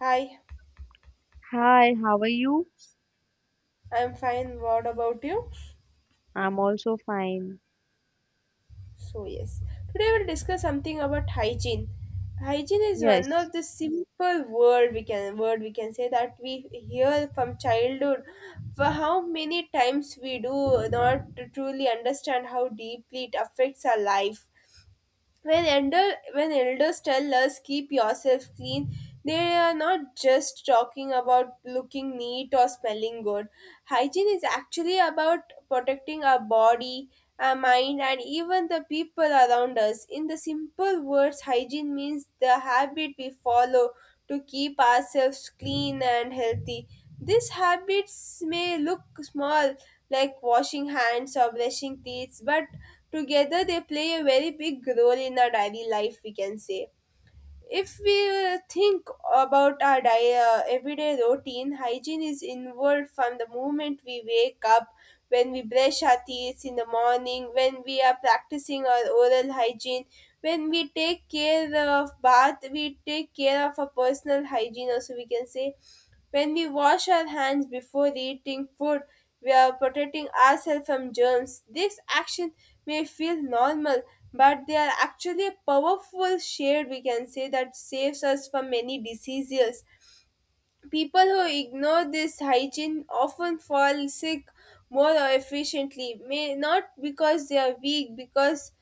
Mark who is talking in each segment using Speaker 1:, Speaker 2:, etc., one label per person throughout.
Speaker 1: Hi,
Speaker 2: Hi, how are you?
Speaker 1: I'm fine. What about you?
Speaker 2: I'm also fine.
Speaker 1: So, yes, today we'll discuss something about hygiene. Hygiene is one
Speaker 2: Yes.
Speaker 1: of the simple word we can say that we hear from childhood. For how many times we do not truly understand how deeply it affects our life. When elders tell us keep yourself clean, they are not just talking about looking neat or smelling good. Hygiene is actually about protecting our body, our mind, and even the people around us. In the simple words, hygiene means the habit we follow to keep ourselves clean and healthy. These habits may look small, like washing hands or brushing teeth, but together they play a very big role in our daily life, we can say. If we think about our everyday routine, hygiene is involved from the moment we wake up, when we brush our teeth in the morning, when we are practicing our oral hygiene, when we take care of bath, we take care of our personal hygiene also, we can say, when we wash our hands before eating food, we are protecting ourselves from germs. These actions may feel normal, but they are actually a powerful shade we can say that saves us from many diseases. People who ignore this hygiene often fall sick more efficiently, may not because they are weak, because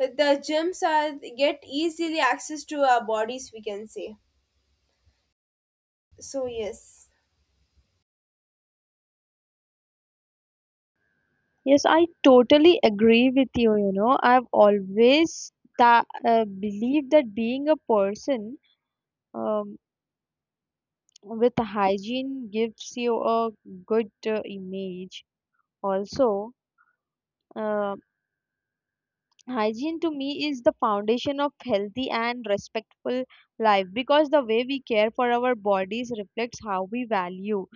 Speaker 1: the germs are get easily access to our bodies we can say. So yes.
Speaker 2: Yes, I totally agree with you, you know. I've always tha believed that being a person um, with hygiene gives you a good image. Also, uh, hygiene to me is the foundation of healthy and respectful life because the way we care for our bodies reflects how we value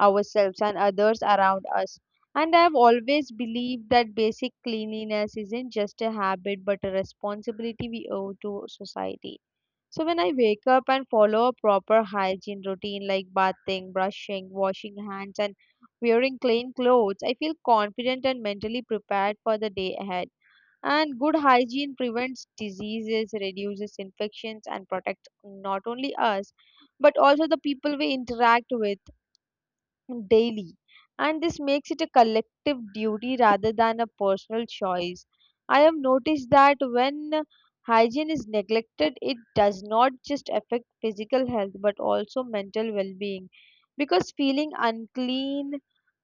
Speaker 2: ourselves and others around us. And I have always believed that basic cleanliness isn't just a habit but a responsibility we owe to society. So when I wake up and follow a proper hygiene routine like bathing, brushing, washing hands, and wearing clean clothes, I feel confident and mentally prepared for the day ahead. And good hygiene prevents diseases, reduces infections, and protects not only us but also the people we interact with daily. And this makes it a collective duty rather than a personal choice. I have noticed that when hygiene is neglected, it does not just affect physical health but also mental well being, because feeling unclean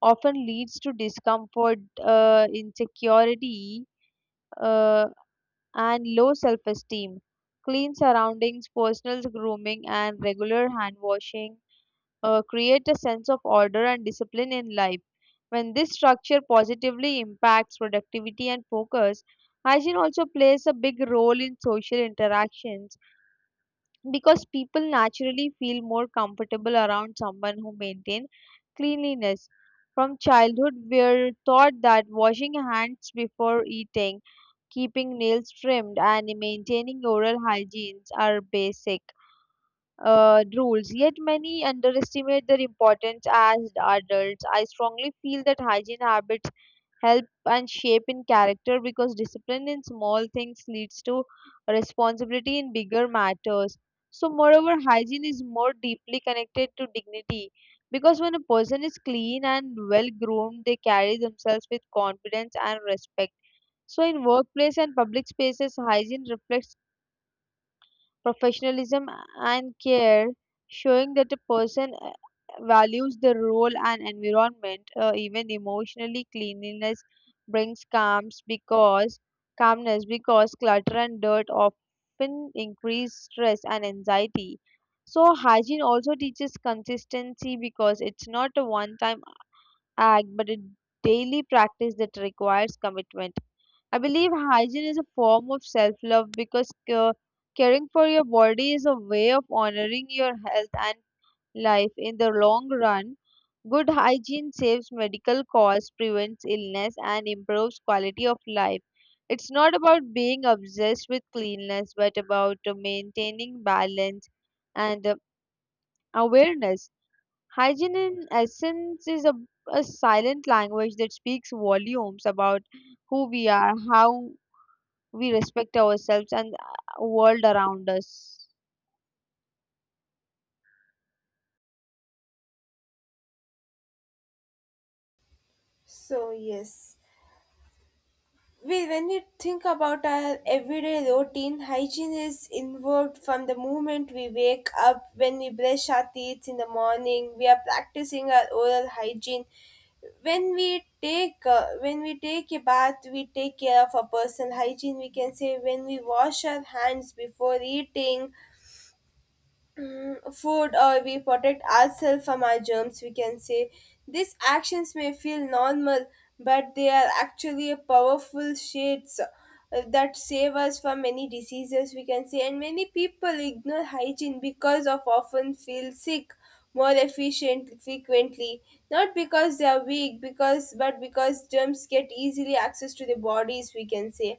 Speaker 2: often leads to discomfort, insecurity, Uh, and low self esteem. Clean surroundings, personal grooming, and regular hand washing create a sense of order and discipline in life. When this structure positively impacts productivity and focus, hygiene also plays a big role in social interactions because people naturally feel more comfortable around someone who maintains cleanliness. From childhood, we're taught that washing hands before eating, keeping nails trimmed, and maintaining oral hygiene are basic rules, yet many underestimate their importance as adults. I strongly feel that hygiene habits help and shape in character because discipline in small things leads to responsibility in bigger matters. So, moreover, hygiene is more deeply connected to dignity because when a person is clean and well groomed, they carry themselves with confidence and respect. So, in workplace and public spaces, hygiene reflects professionalism and care, showing that a person values the role and environment. Even emotionally, cleanliness brings calms because calmness because clutter and dirt often increase stress and anxiety. So, hygiene also teaches consistency because it's not a one-time act, but a daily practice that requires commitment. I believe hygiene is a form of self love because caring for your body is a way of honoring your health and life in the long run. Good hygiene saves medical costs, prevents illness, and improves quality of life. It's not about being obsessed with cleanliness, but about maintaining balance and awareness. Hygiene, in essence, is a silent language that speaks volumes about who we are, how we respect ourselves and world around us.
Speaker 1: So yes. We when you think about our everyday routine, hygiene is involved from the moment we wake up, when we brush our teeth in the morning, we are practicing our oral hygiene, when we take a bath, we take care of our personal hygiene we can say, when we wash our hands before eating food, or we protect ourselves from our germs we can say. These actions may feel normal, but they are actually a powerful shades that save us from many diseases we can say, and many people ignore hygiene because of often feel sick more efficient frequently, not because they are weak because but because germs get easily access to their bodies we can say.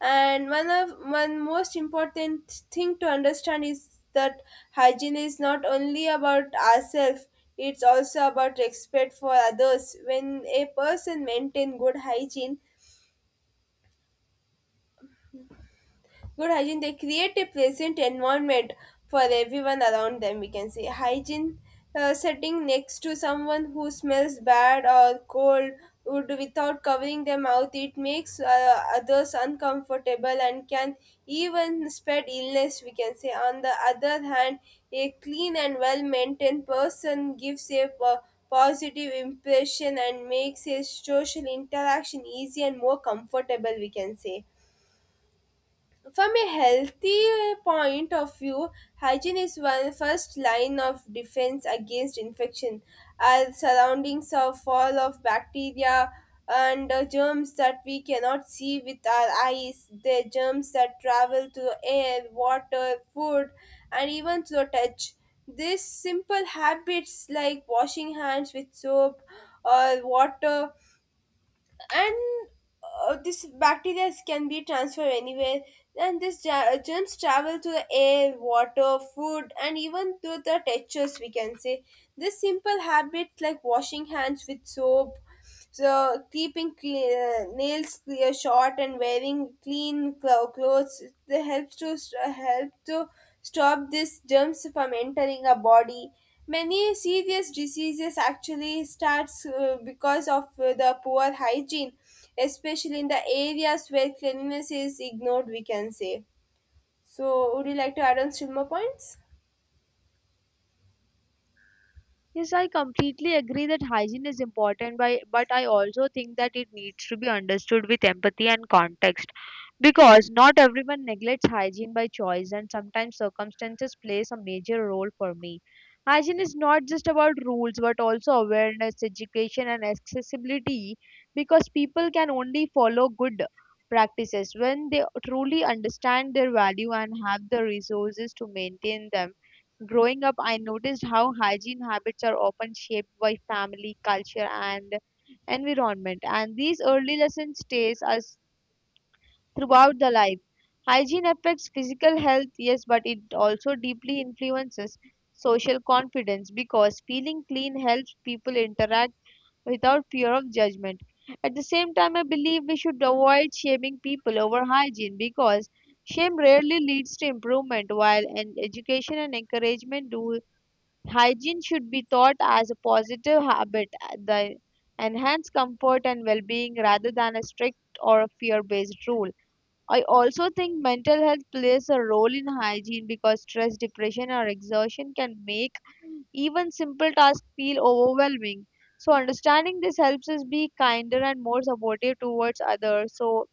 Speaker 1: And one most important thing to understand is that hygiene is not only about ourselves, it's also about respect for others. When a person maintain good hygiene, they create a pleasant environment for everyone around them, we can say. Hygiene, sitting next to someone who smells bad or cold would without covering their mouth, it makes others uncomfortable and can even spread illness we can say. On the other hand, a clean and well maintained person gives a positive impression and makes a social interaction easy and more comfortable we can say. From a healthy point of view, hygiene is one first line of defense against infection. Our surroundings are full of bacteria and germs that we cannot see with our eyes. The germs that travel through air, water, food, and even through touch. These simple habits like washing hands with soap or water, and this bacteria can be transferred anywhere, and this germs travel to the air, water, food, and even to the textures we can say. This simple habits like washing hands with soap, so keeping nails clear, short, and wearing clean clothes, they help to stop these germs from entering our body. Many serious diseases actually starts because of the poor hygiene, especially in the areas where cleanliness is ignored. We can say. So, would you like to add on still more points?
Speaker 2: Yes, I completely agree that hygiene is important, but I also think that it needs to be understood with empathy and context because not everyone neglects hygiene by choice, and sometimes circumstances plays a major role for me. Hygiene is not just about rules but also awareness, education, and accessibility because people can only follow good practices when they truly understand their value and have the resources to maintain them. Growing up, I noticed how hygiene habits are often shaped by family, culture, and environment. And these early lessons stays us throughout the life. Hygiene affects physical health, yes, but it also deeply influences social confidence because feeling clean helps people interact without fear of judgment. At the same time, I believe we should avoid shaming people over hygiene because shame rarely leads to improvement, while an education and encouragement do. Hygiene should be taught as a positive habit that enhance comfort and well-being rather than a strict or a fear-based rule. I also think mental health plays a role in hygiene because stress, depression, or exhaustion can make even simple tasks feel overwhelming. So understanding this helps us be kinder and more supportive towards others. So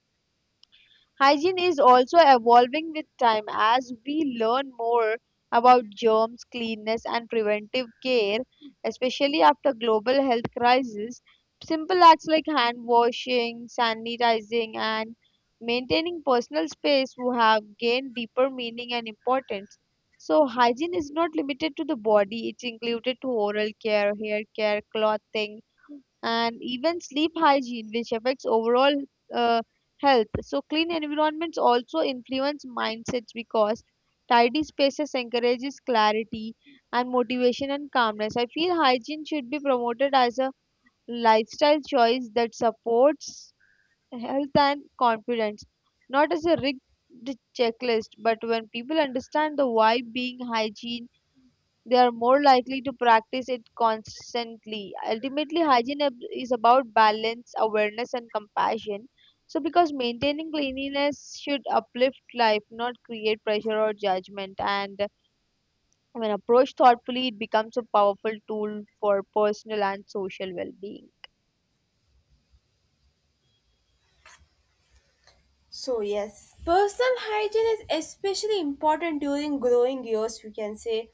Speaker 2: hygiene is also evolving with time as we learn more about germs, cleanness, and preventive care, especially after global health crisis. Simple acts like hand washing, sanitizing, and maintaining personal space who have gained deeper meaning and importance. So, hygiene is not limited to the body, it's included to oral care, hair care, clothing, and even sleep hygiene, which affects overall uh, health. So, clean environments also influence mindsets because tidy spaces encourages clarity and motivation and calmness. I feel hygiene should be promoted as a lifestyle choice that supports health and confidence, not as a rigged checklist. But when people understand the why being hygiene, they are more likely to practice it constantly. Ultimately, is about balance, awareness, and compassion. So, because maintaining cleanliness should uplift life, not create pressure or judgment. And when approached thoughtfully, it becomes a powerful tool for personal and social well being.
Speaker 1: So, yes, personal hygiene is especially important during growing years, we can say.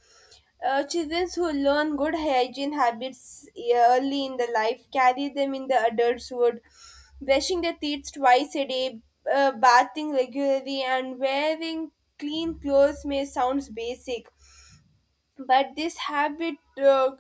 Speaker 1: Children who learn good hygiene habits early in the life carry them in the adulthood. Brushing their teeth twice a day, bathing regularly, and wearing clean clothes may sound basic, but this habit uh,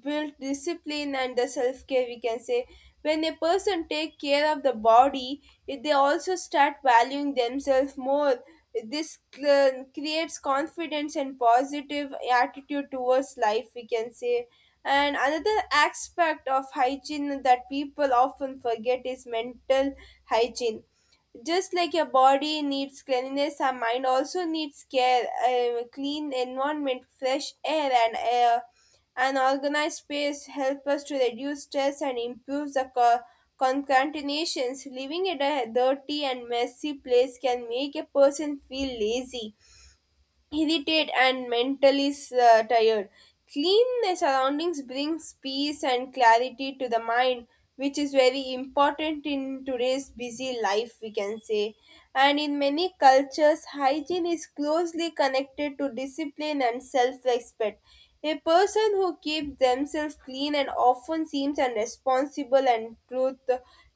Speaker 1: built discipline and the self-care we can say. When a person take care of the body, they also start valuing themselves more. This creates confidence and positive attitude towards life we can say. And another aspect of hygiene that people often forget is mental hygiene. Just like your body needs cleanliness, our mind also needs care. A clean environment, fresh air, and air an organized space help us to reduce stress and improve the concatenations. Living in a dirty and messy place can make a person feel lazy, irritated, and mentally tired. Clean surroundings brings peace and clarity to the mind, which is very important in today's busy life, we can say. And in many cultures, hygiene is closely connected to discipline and self respect. A person who keeps themselves clean and often seems unresponsible and truth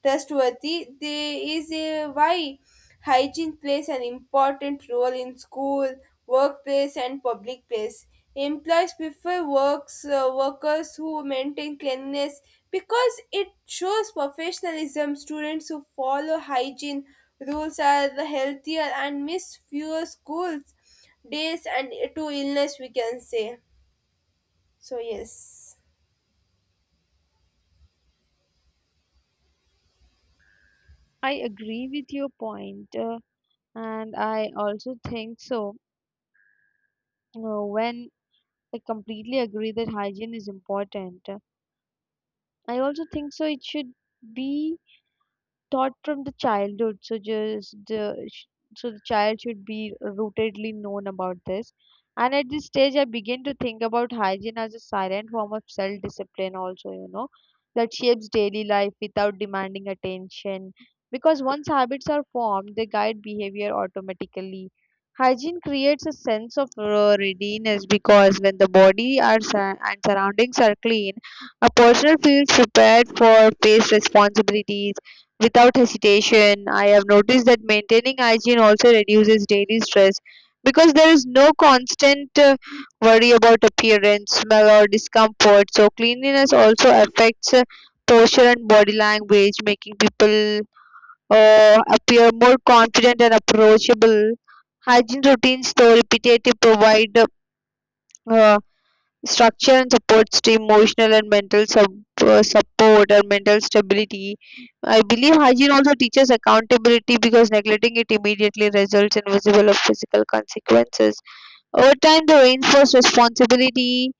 Speaker 1: trustworthy, there is a why. Hygiene plays an important role in school, workplace, and public place. Employees prefer workers who maintain cleanliness because it shows professionalism. Students who follow hygiene rules are the healthier and miss fewer school days and to illness, we can say. So, yes.
Speaker 2: I agree with your point, and I also think so. When I completely agree that hygiene is important, I also think so, it should be taught from the childhood, so so the child should be rootedly known about this. And at this stage I begin to think about hygiene as a silent form of self discipline also, that shapes daily life without demanding attention, because once habits are formed they guide behavior automatically. Hygiene creates a sense of readiness because when the body are sur- and surroundings are clean, a person feels prepared for face responsibilities without hesitation. I have noticed that maintaining hygiene also reduces daily stress because there is no constant worry about appearance, smell, or discomfort. So, cleanliness also affects posture and body language, making people appear more confident and approachable. Hygiene routines, though repetitive, provide uh, structure and supports to emotional and mental sub- support and mental stability. I believe hygiene also teaches accountability because neglecting it immediately results in visible or physical consequences. Over time, the reinforced responsibility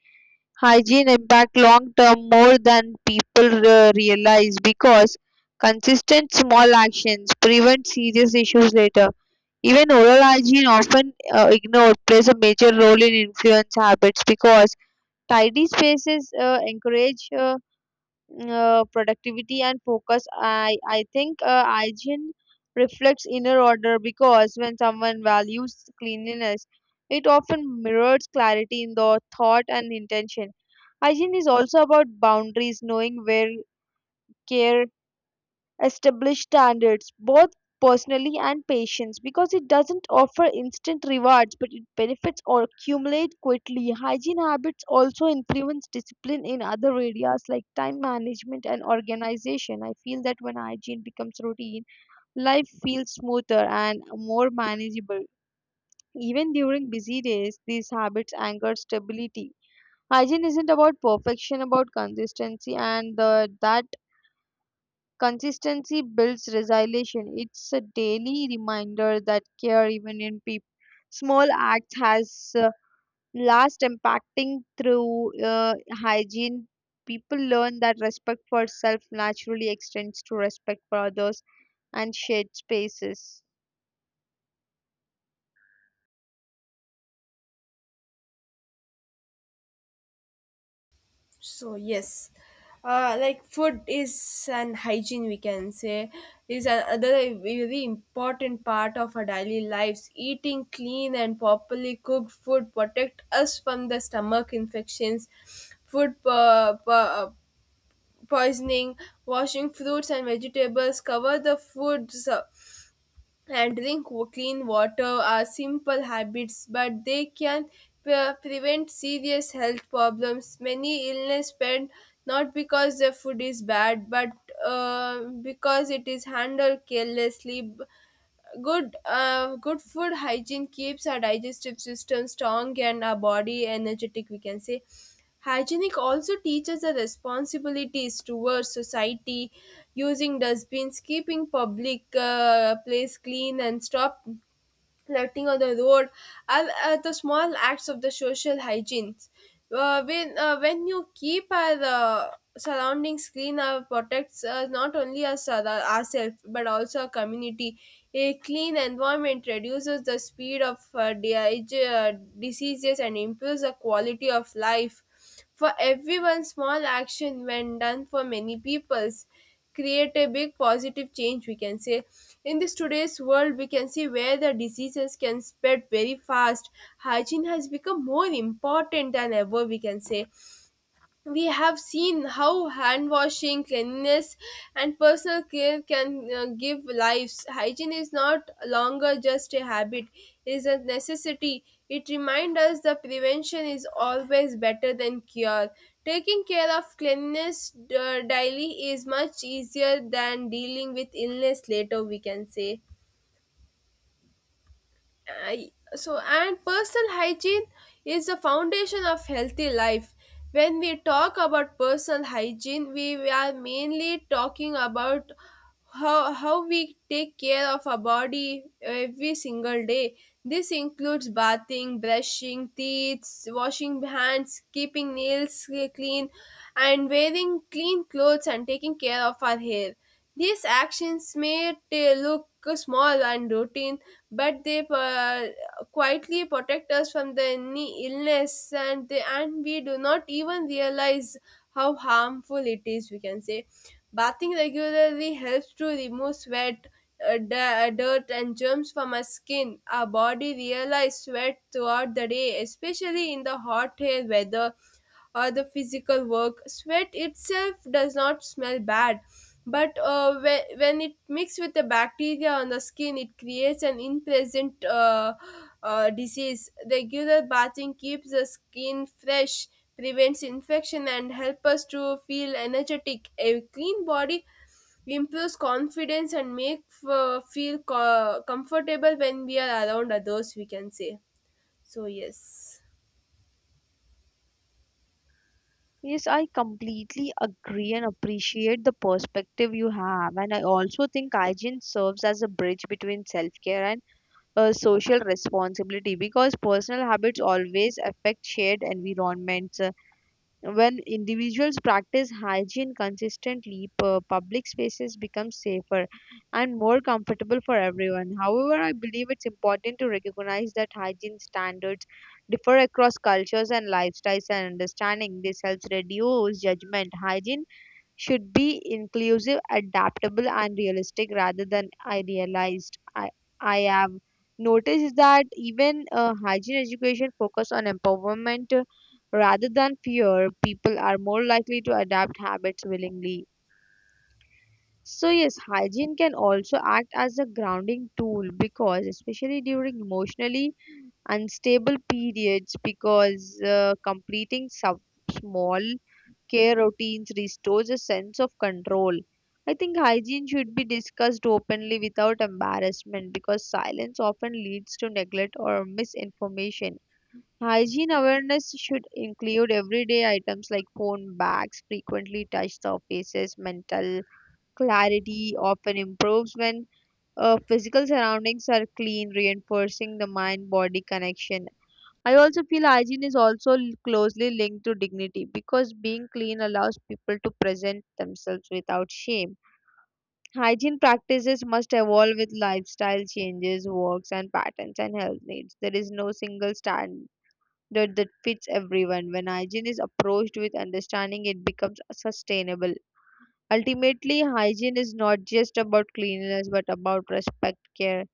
Speaker 2: hygiene impact long term more than people realize because consistent small actions prevent serious issues later. Even oral hygiene, often ignored, plays a major role in influence habits because tidy spaces encourage. Productivity and focus. I think hygiene reflects inner order because when someone values cleanliness, it often mirrors clarity in the thought and intention. Hygiene is also about boundaries, knowing where care establish standards, both personally and patience, because it doesn't offer instant rewards, but it benefits or accumulate quickly. Hygiene habits also influence discipline in other areas like time management and organization. I feel that when hygiene becomes routine, life feels smoother and more manageable. Even during busy days, these habits anchor stability. Hygiene isn't about perfection, about consistency, and that consistency builds resilience. It's a daily reminder that care, even in peop small acts, has last impacting through hygiene. People learn that respect for self naturally extends to respect for others and shared spaces.
Speaker 1: So yes, like food is an hygiene we can say, is another very important part of our daily lives. Eating clean and properly cooked food protect us from the stomach infections, food po- po- poisoning. Washing fruits and vegetables, cover the foods, and clean water are simple habits, but they can prevent serious health problems. Many illness spread not because the food is bad, but because it is handled carelessly. Good food hygiene keeps our digestive system strong and our body energetic we can say. Hygienic also teaches the responsibilities towards society, using dustbins, keeping public place clean, and stop lighting on the road are the small acts of the social hygiene. When you keep our surroundings clean, our protects not only ourselves but also our community. A clean environment reduces the speed of diseases and improves the quality of life. For everyone, small action when done for many peoples create a big positive change we can say. In this today's world we can see where the diseases can spread very fast, hygiene has become more important than ever we can say. We have seen how hand washing, cleanliness, and personal care can give lives. Hygiene is not longer just a habit, it is a necessity. It reminds us that prevention is always better than cure. Taking care of cleanliness daily is much easier than dealing with illness later, we can say. I, so And personal hygiene is the foundation of healthy life. When we talk about personal hygiene, we are mainly talking about how we take care of our body every single day. This includes bathing, brushing teeth, washing hands, keeping nails clean, and wearing clean clothes, and taking care of our hair. These actions may look small and routine, but they quietly protect us from the any illness, and and we do not even realize how harmful it is. We can say, bathing regularly helps to remove sweat, dirt, and germs from our skin. Our body realizes sweat throughout the day, especially in the hot air weather or the physical work. Sweat itself does not smell bad, but when it mixes with the bacteria on the skin, it creates an unpleasant disease. Regular bathing keeps the skin fresh, prevents infection, and helps us to feel energetic. A clean body improves confidence and make feel comfortable when we are around others we can say. So yes.
Speaker 2: Yes, I completely agree and appreciate the perspective you have. And I also think hygiene serves as a bridge between self care and a social responsibility because personal habits always affect shared environments. When individuals practice hygiene consistently, public spaces become safer and more comfortable for everyone. However, I believe it's important to recognize that hygiene standards differ across cultures and lifestyles, and understanding this helps reduce judgment. Hygiene should be inclusive, adaptable, and realistic rather than idealized. I have noticed that even hygiene education focus on empowerment rather than fear. People are more likely to adapt habits willingly. So yes, hygiene can also act as a grounding tool because especially during emotionally unstable periods, because completing some small care routines restores a sense of control. I think hygiene should be discussed openly without embarrassment because silence often leads to neglect or misinformation. Hygiene awareness should include everyday items like phone bags, frequently touched surfaces, mental clarity often improves when physical surroundings are clean, reinforcing the mind body connection. I also feel hygiene is also closely linked to dignity because being clean allows people to present themselves without shame. Hygiene practices must evolve with lifestyle changes, works, and patterns and health needs. There is no single standard that fits everyone. When hygiene is approached with understanding, it becomes sustainable. Ultimately, hygiene is not just about cleanliness but about respect, care,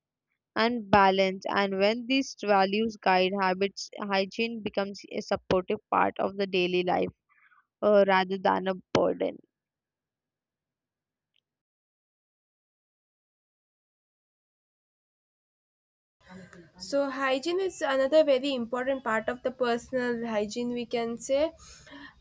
Speaker 2: and balance. And when these values guide habits, hygiene becomes a supportive part of the daily life rather than a burden.
Speaker 1: So hygiene is another very important part of the personal hygiene we can say.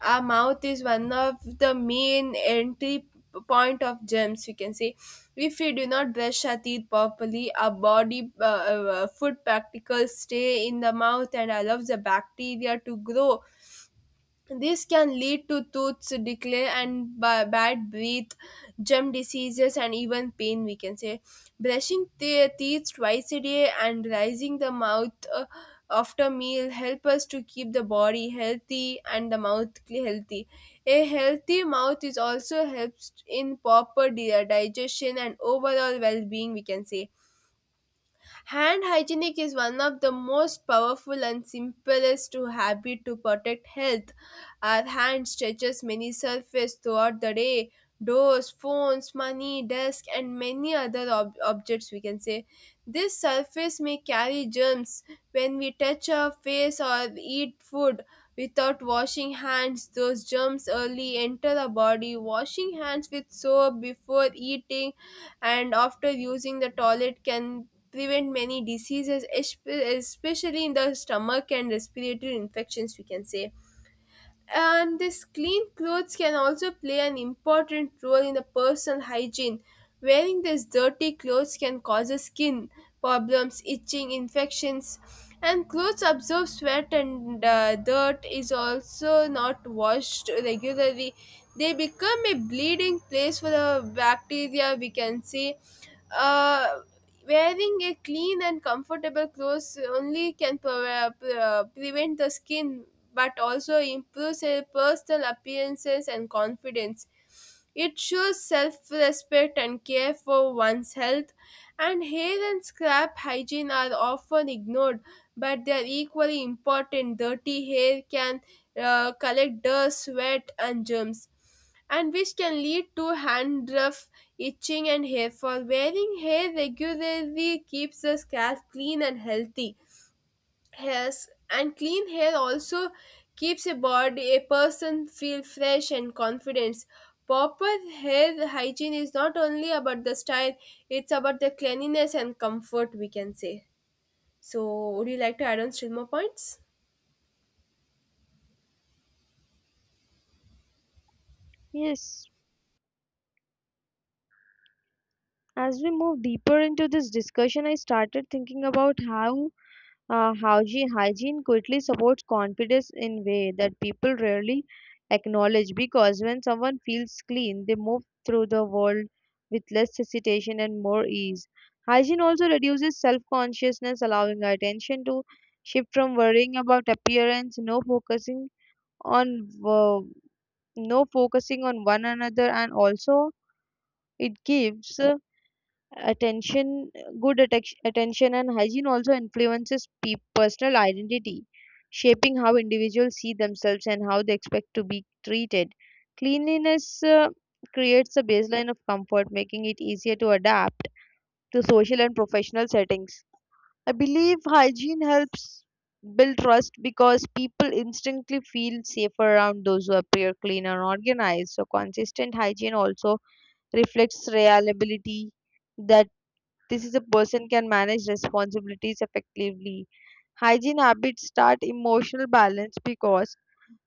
Speaker 1: Our mouth is one of the main entry point of germs we can say. If we do not brush our teeth properly, our body food particles stay in the mouth and allows the bacteria to grow. This can lead to tooth decay and bad breath, gum diseases, and even pain. We can say, brushing the teeth twice a day and rising the mouth after meal help us to keep the body healthy and the healthy. A healthy mouth is also helps in proper digestion and overall well-being. We can say. Hand hygienic is one of the most powerful and simplest to habit to protect health. Our hand stretches many surfaces throughout the day, doors, phones, money, desk, and many other objects we can say. This surface may carry germs. When we touch our face or eat food without washing hands, those germs early enter the body. Washing hands with soap before eating and after using the toilet can prevent many diseases, especially in the stomach and respiratory infections we can say. And this clean clothes can also play an important role in the personal hygiene. Wearing these dirty clothes can cause skin problems, itching, infections, and clothes absorb sweat and dirt is also not washed regularly. They become a bleeding place for the bacteria. We can see. uh, Wearing a clean and comfortable clothes only can prevent the skin but also improves a personal appearances and confidence. It shows self respect and care for one's health. And hair and scalp hygiene are often ignored, but they are equally important. Dirty hair can collect dust, sweat, and germs, and which can lead to dandruff, itching, and hair fall. Wearing hair regularly keeps the scalp clean and healthy. Hairs and clean hair also keeps a body a person feel fresh and confident. Proper hair hygiene is not only about the style; it's about the cleanliness and comfort. We can say. So, would you like to add on still more points?
Speaker 2: Yes, as we move deeper into this discussion, I started thinking about how hygiene quickly supports confidence in way that people rarely acknowledge, because when someone feels clean, they move through the world with less hesitation and more ease. Hygiene also reduces self-consciousness, allowing our attention to shift from worrying about appearance, on wo- no focusing on one another, and also it gives attention good attention. And hygiene also influences personal identity, shaping how individuals see themselves and how they expect to be treated. Cleanliness creates a baseline of comfort, making it easier to adapt to social and professional settings. I believe hygiene helps build trust because people instinctively feel safer around those who appear clean and organized. So consistent hygiene also reflects reliability, that this is a person can manage responsibilities effectively. Hygiene habits start emotional balance because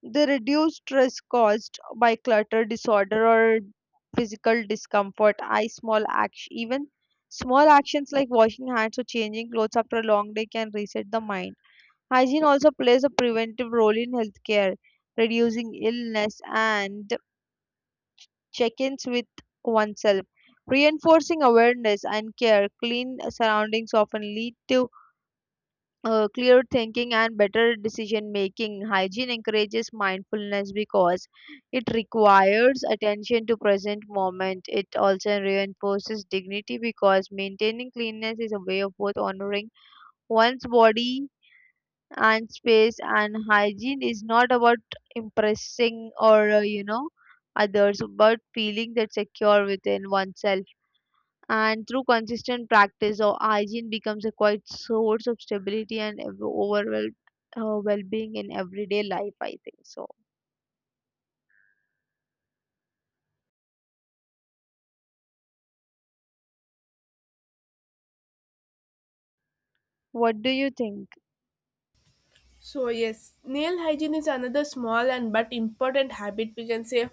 Speaker 2: they reduce stress caused by clutter, disorder, or physical discomfort. Even small actions like washing hands or changing clothes after a long day can reset the mind. Hygiene also plays a preventive role in healthcare, reducing illness and check ins with oneself. Reinforcing awareness and care, clean surroundings often lead to clear thinking and better decision making. Hygiene encourages mindfulness because it requires attention to present moment. It also reinforces dignity because maintaining cleanness is a way of both honoring one's body and space. And hygiene is not about impressing or others but feeling that secure within oneself. And through consistent practice or hygiene becomes a quiet source of stability and overall well-being in everyday life, I think so. What do you think?
Speaker 1: So yes, nail hygiene is another small and but important habit we can say.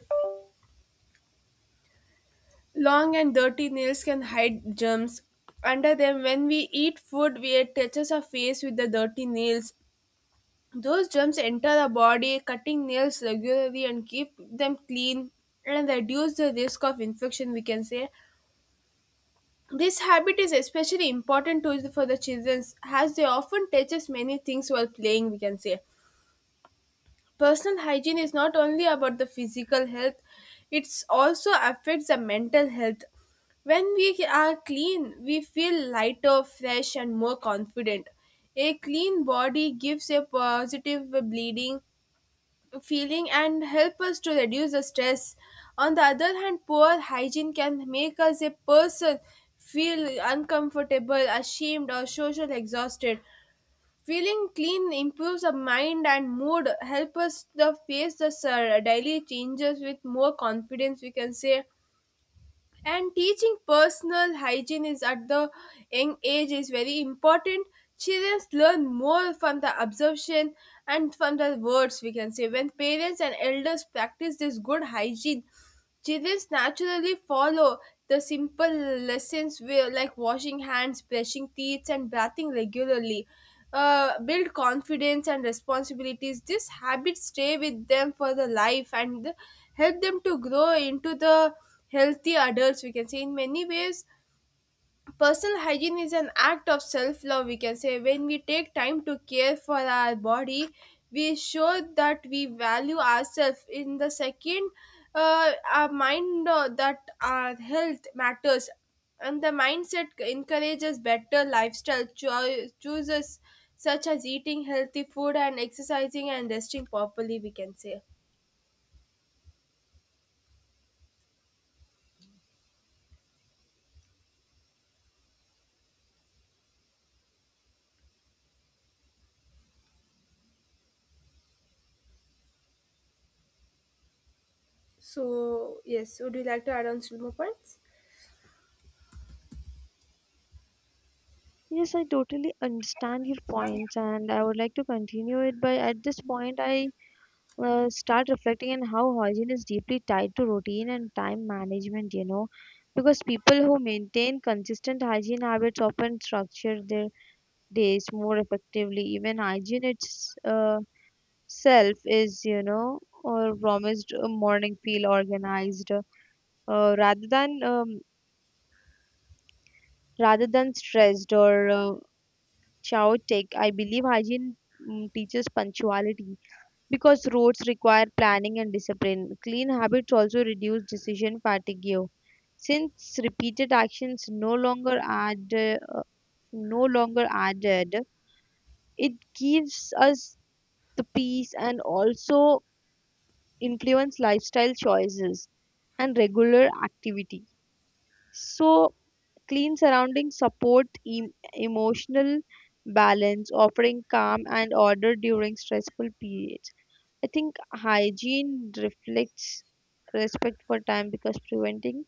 Speaker 1: Long and dirty nails can hide germs under them. When we eat food, we touches our face with the dirty nails. Those germs enter the body, cutting nails regularly and keep them clean and reduce the risk of infection, we can say. This habit is especially important for the children as they often touches many things while playing, we can say. Personal hygiene is not only about the physical health, it also affects the mental health. When we are clean, we feel lighter, fresh, and more confident. A clean body gives a positive bleeding feeling and help us to reduce the stress. On the other hand, poor hygiene can make us a person feel uncomfortable, ashamed, or social exhausted. Feeling clean improves our mind and mood, help us the face the daily changes with more confidence, we can say. And teaching personal hygiene is at the young age is very important. Children learn more from the observation and from the words, we can say. When parents and elders practice this good hygiene, children naturally follow the simple lessons where, like washing hands, brushing teeth, and bathing regularly. Build confidence and responsibilities. These habits stay with them for the life and help them to grow into the healthy adults. We can say in many ways, personal hygiene is an act of self love, we can say. When we take time to care for our body, we show that we value ourselves. In the second, our mind that our health matters, and the mindset encourages better lifestyle choices, such as eating healthy food and exercising and resting properly, we can say. So, yes, would you like to add on still more points?
Speaker 2: Yes, I totally understand your points, and I would like to continue it. But at this point, I start reflecting on how hygiene is deeply tied to routine and time management, because people who maintain consistent hygiene habits often structure their days more effectively. Even hygiene its self is, or promised a morning feel organized, uh, rather than um, rather than stressed or chaotic. I believe hygiene teaches punctuality. Because roads require planning and discipline, clean habits also reduce decision fatigue. Since repeated actions no longer added, it gives us the peace, and also influence lifestyle choices and regular activity. So, clean surroundings support emotional balance, offering calm and order during stressful periods. I think hygiene reflects respect for time because preventing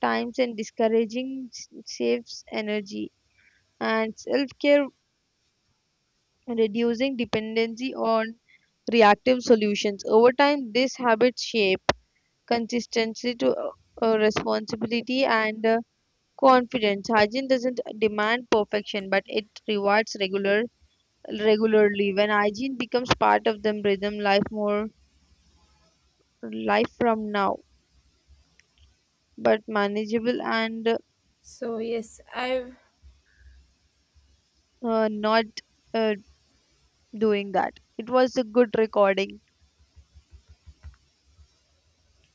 Speaker 2: times and discouraging saves energy and self care, reducing dependency on reactive solutions. Over time, this habit shape consistency to responsibility and confidence. Hygiene doesn't demand perfection, but it rewards regularly. When hygiene becomes part of the rhythm, life from now, but manageable and
Speaker 1: So, yes, I've
Speaker 2: not uh, doing that. It was a good recording.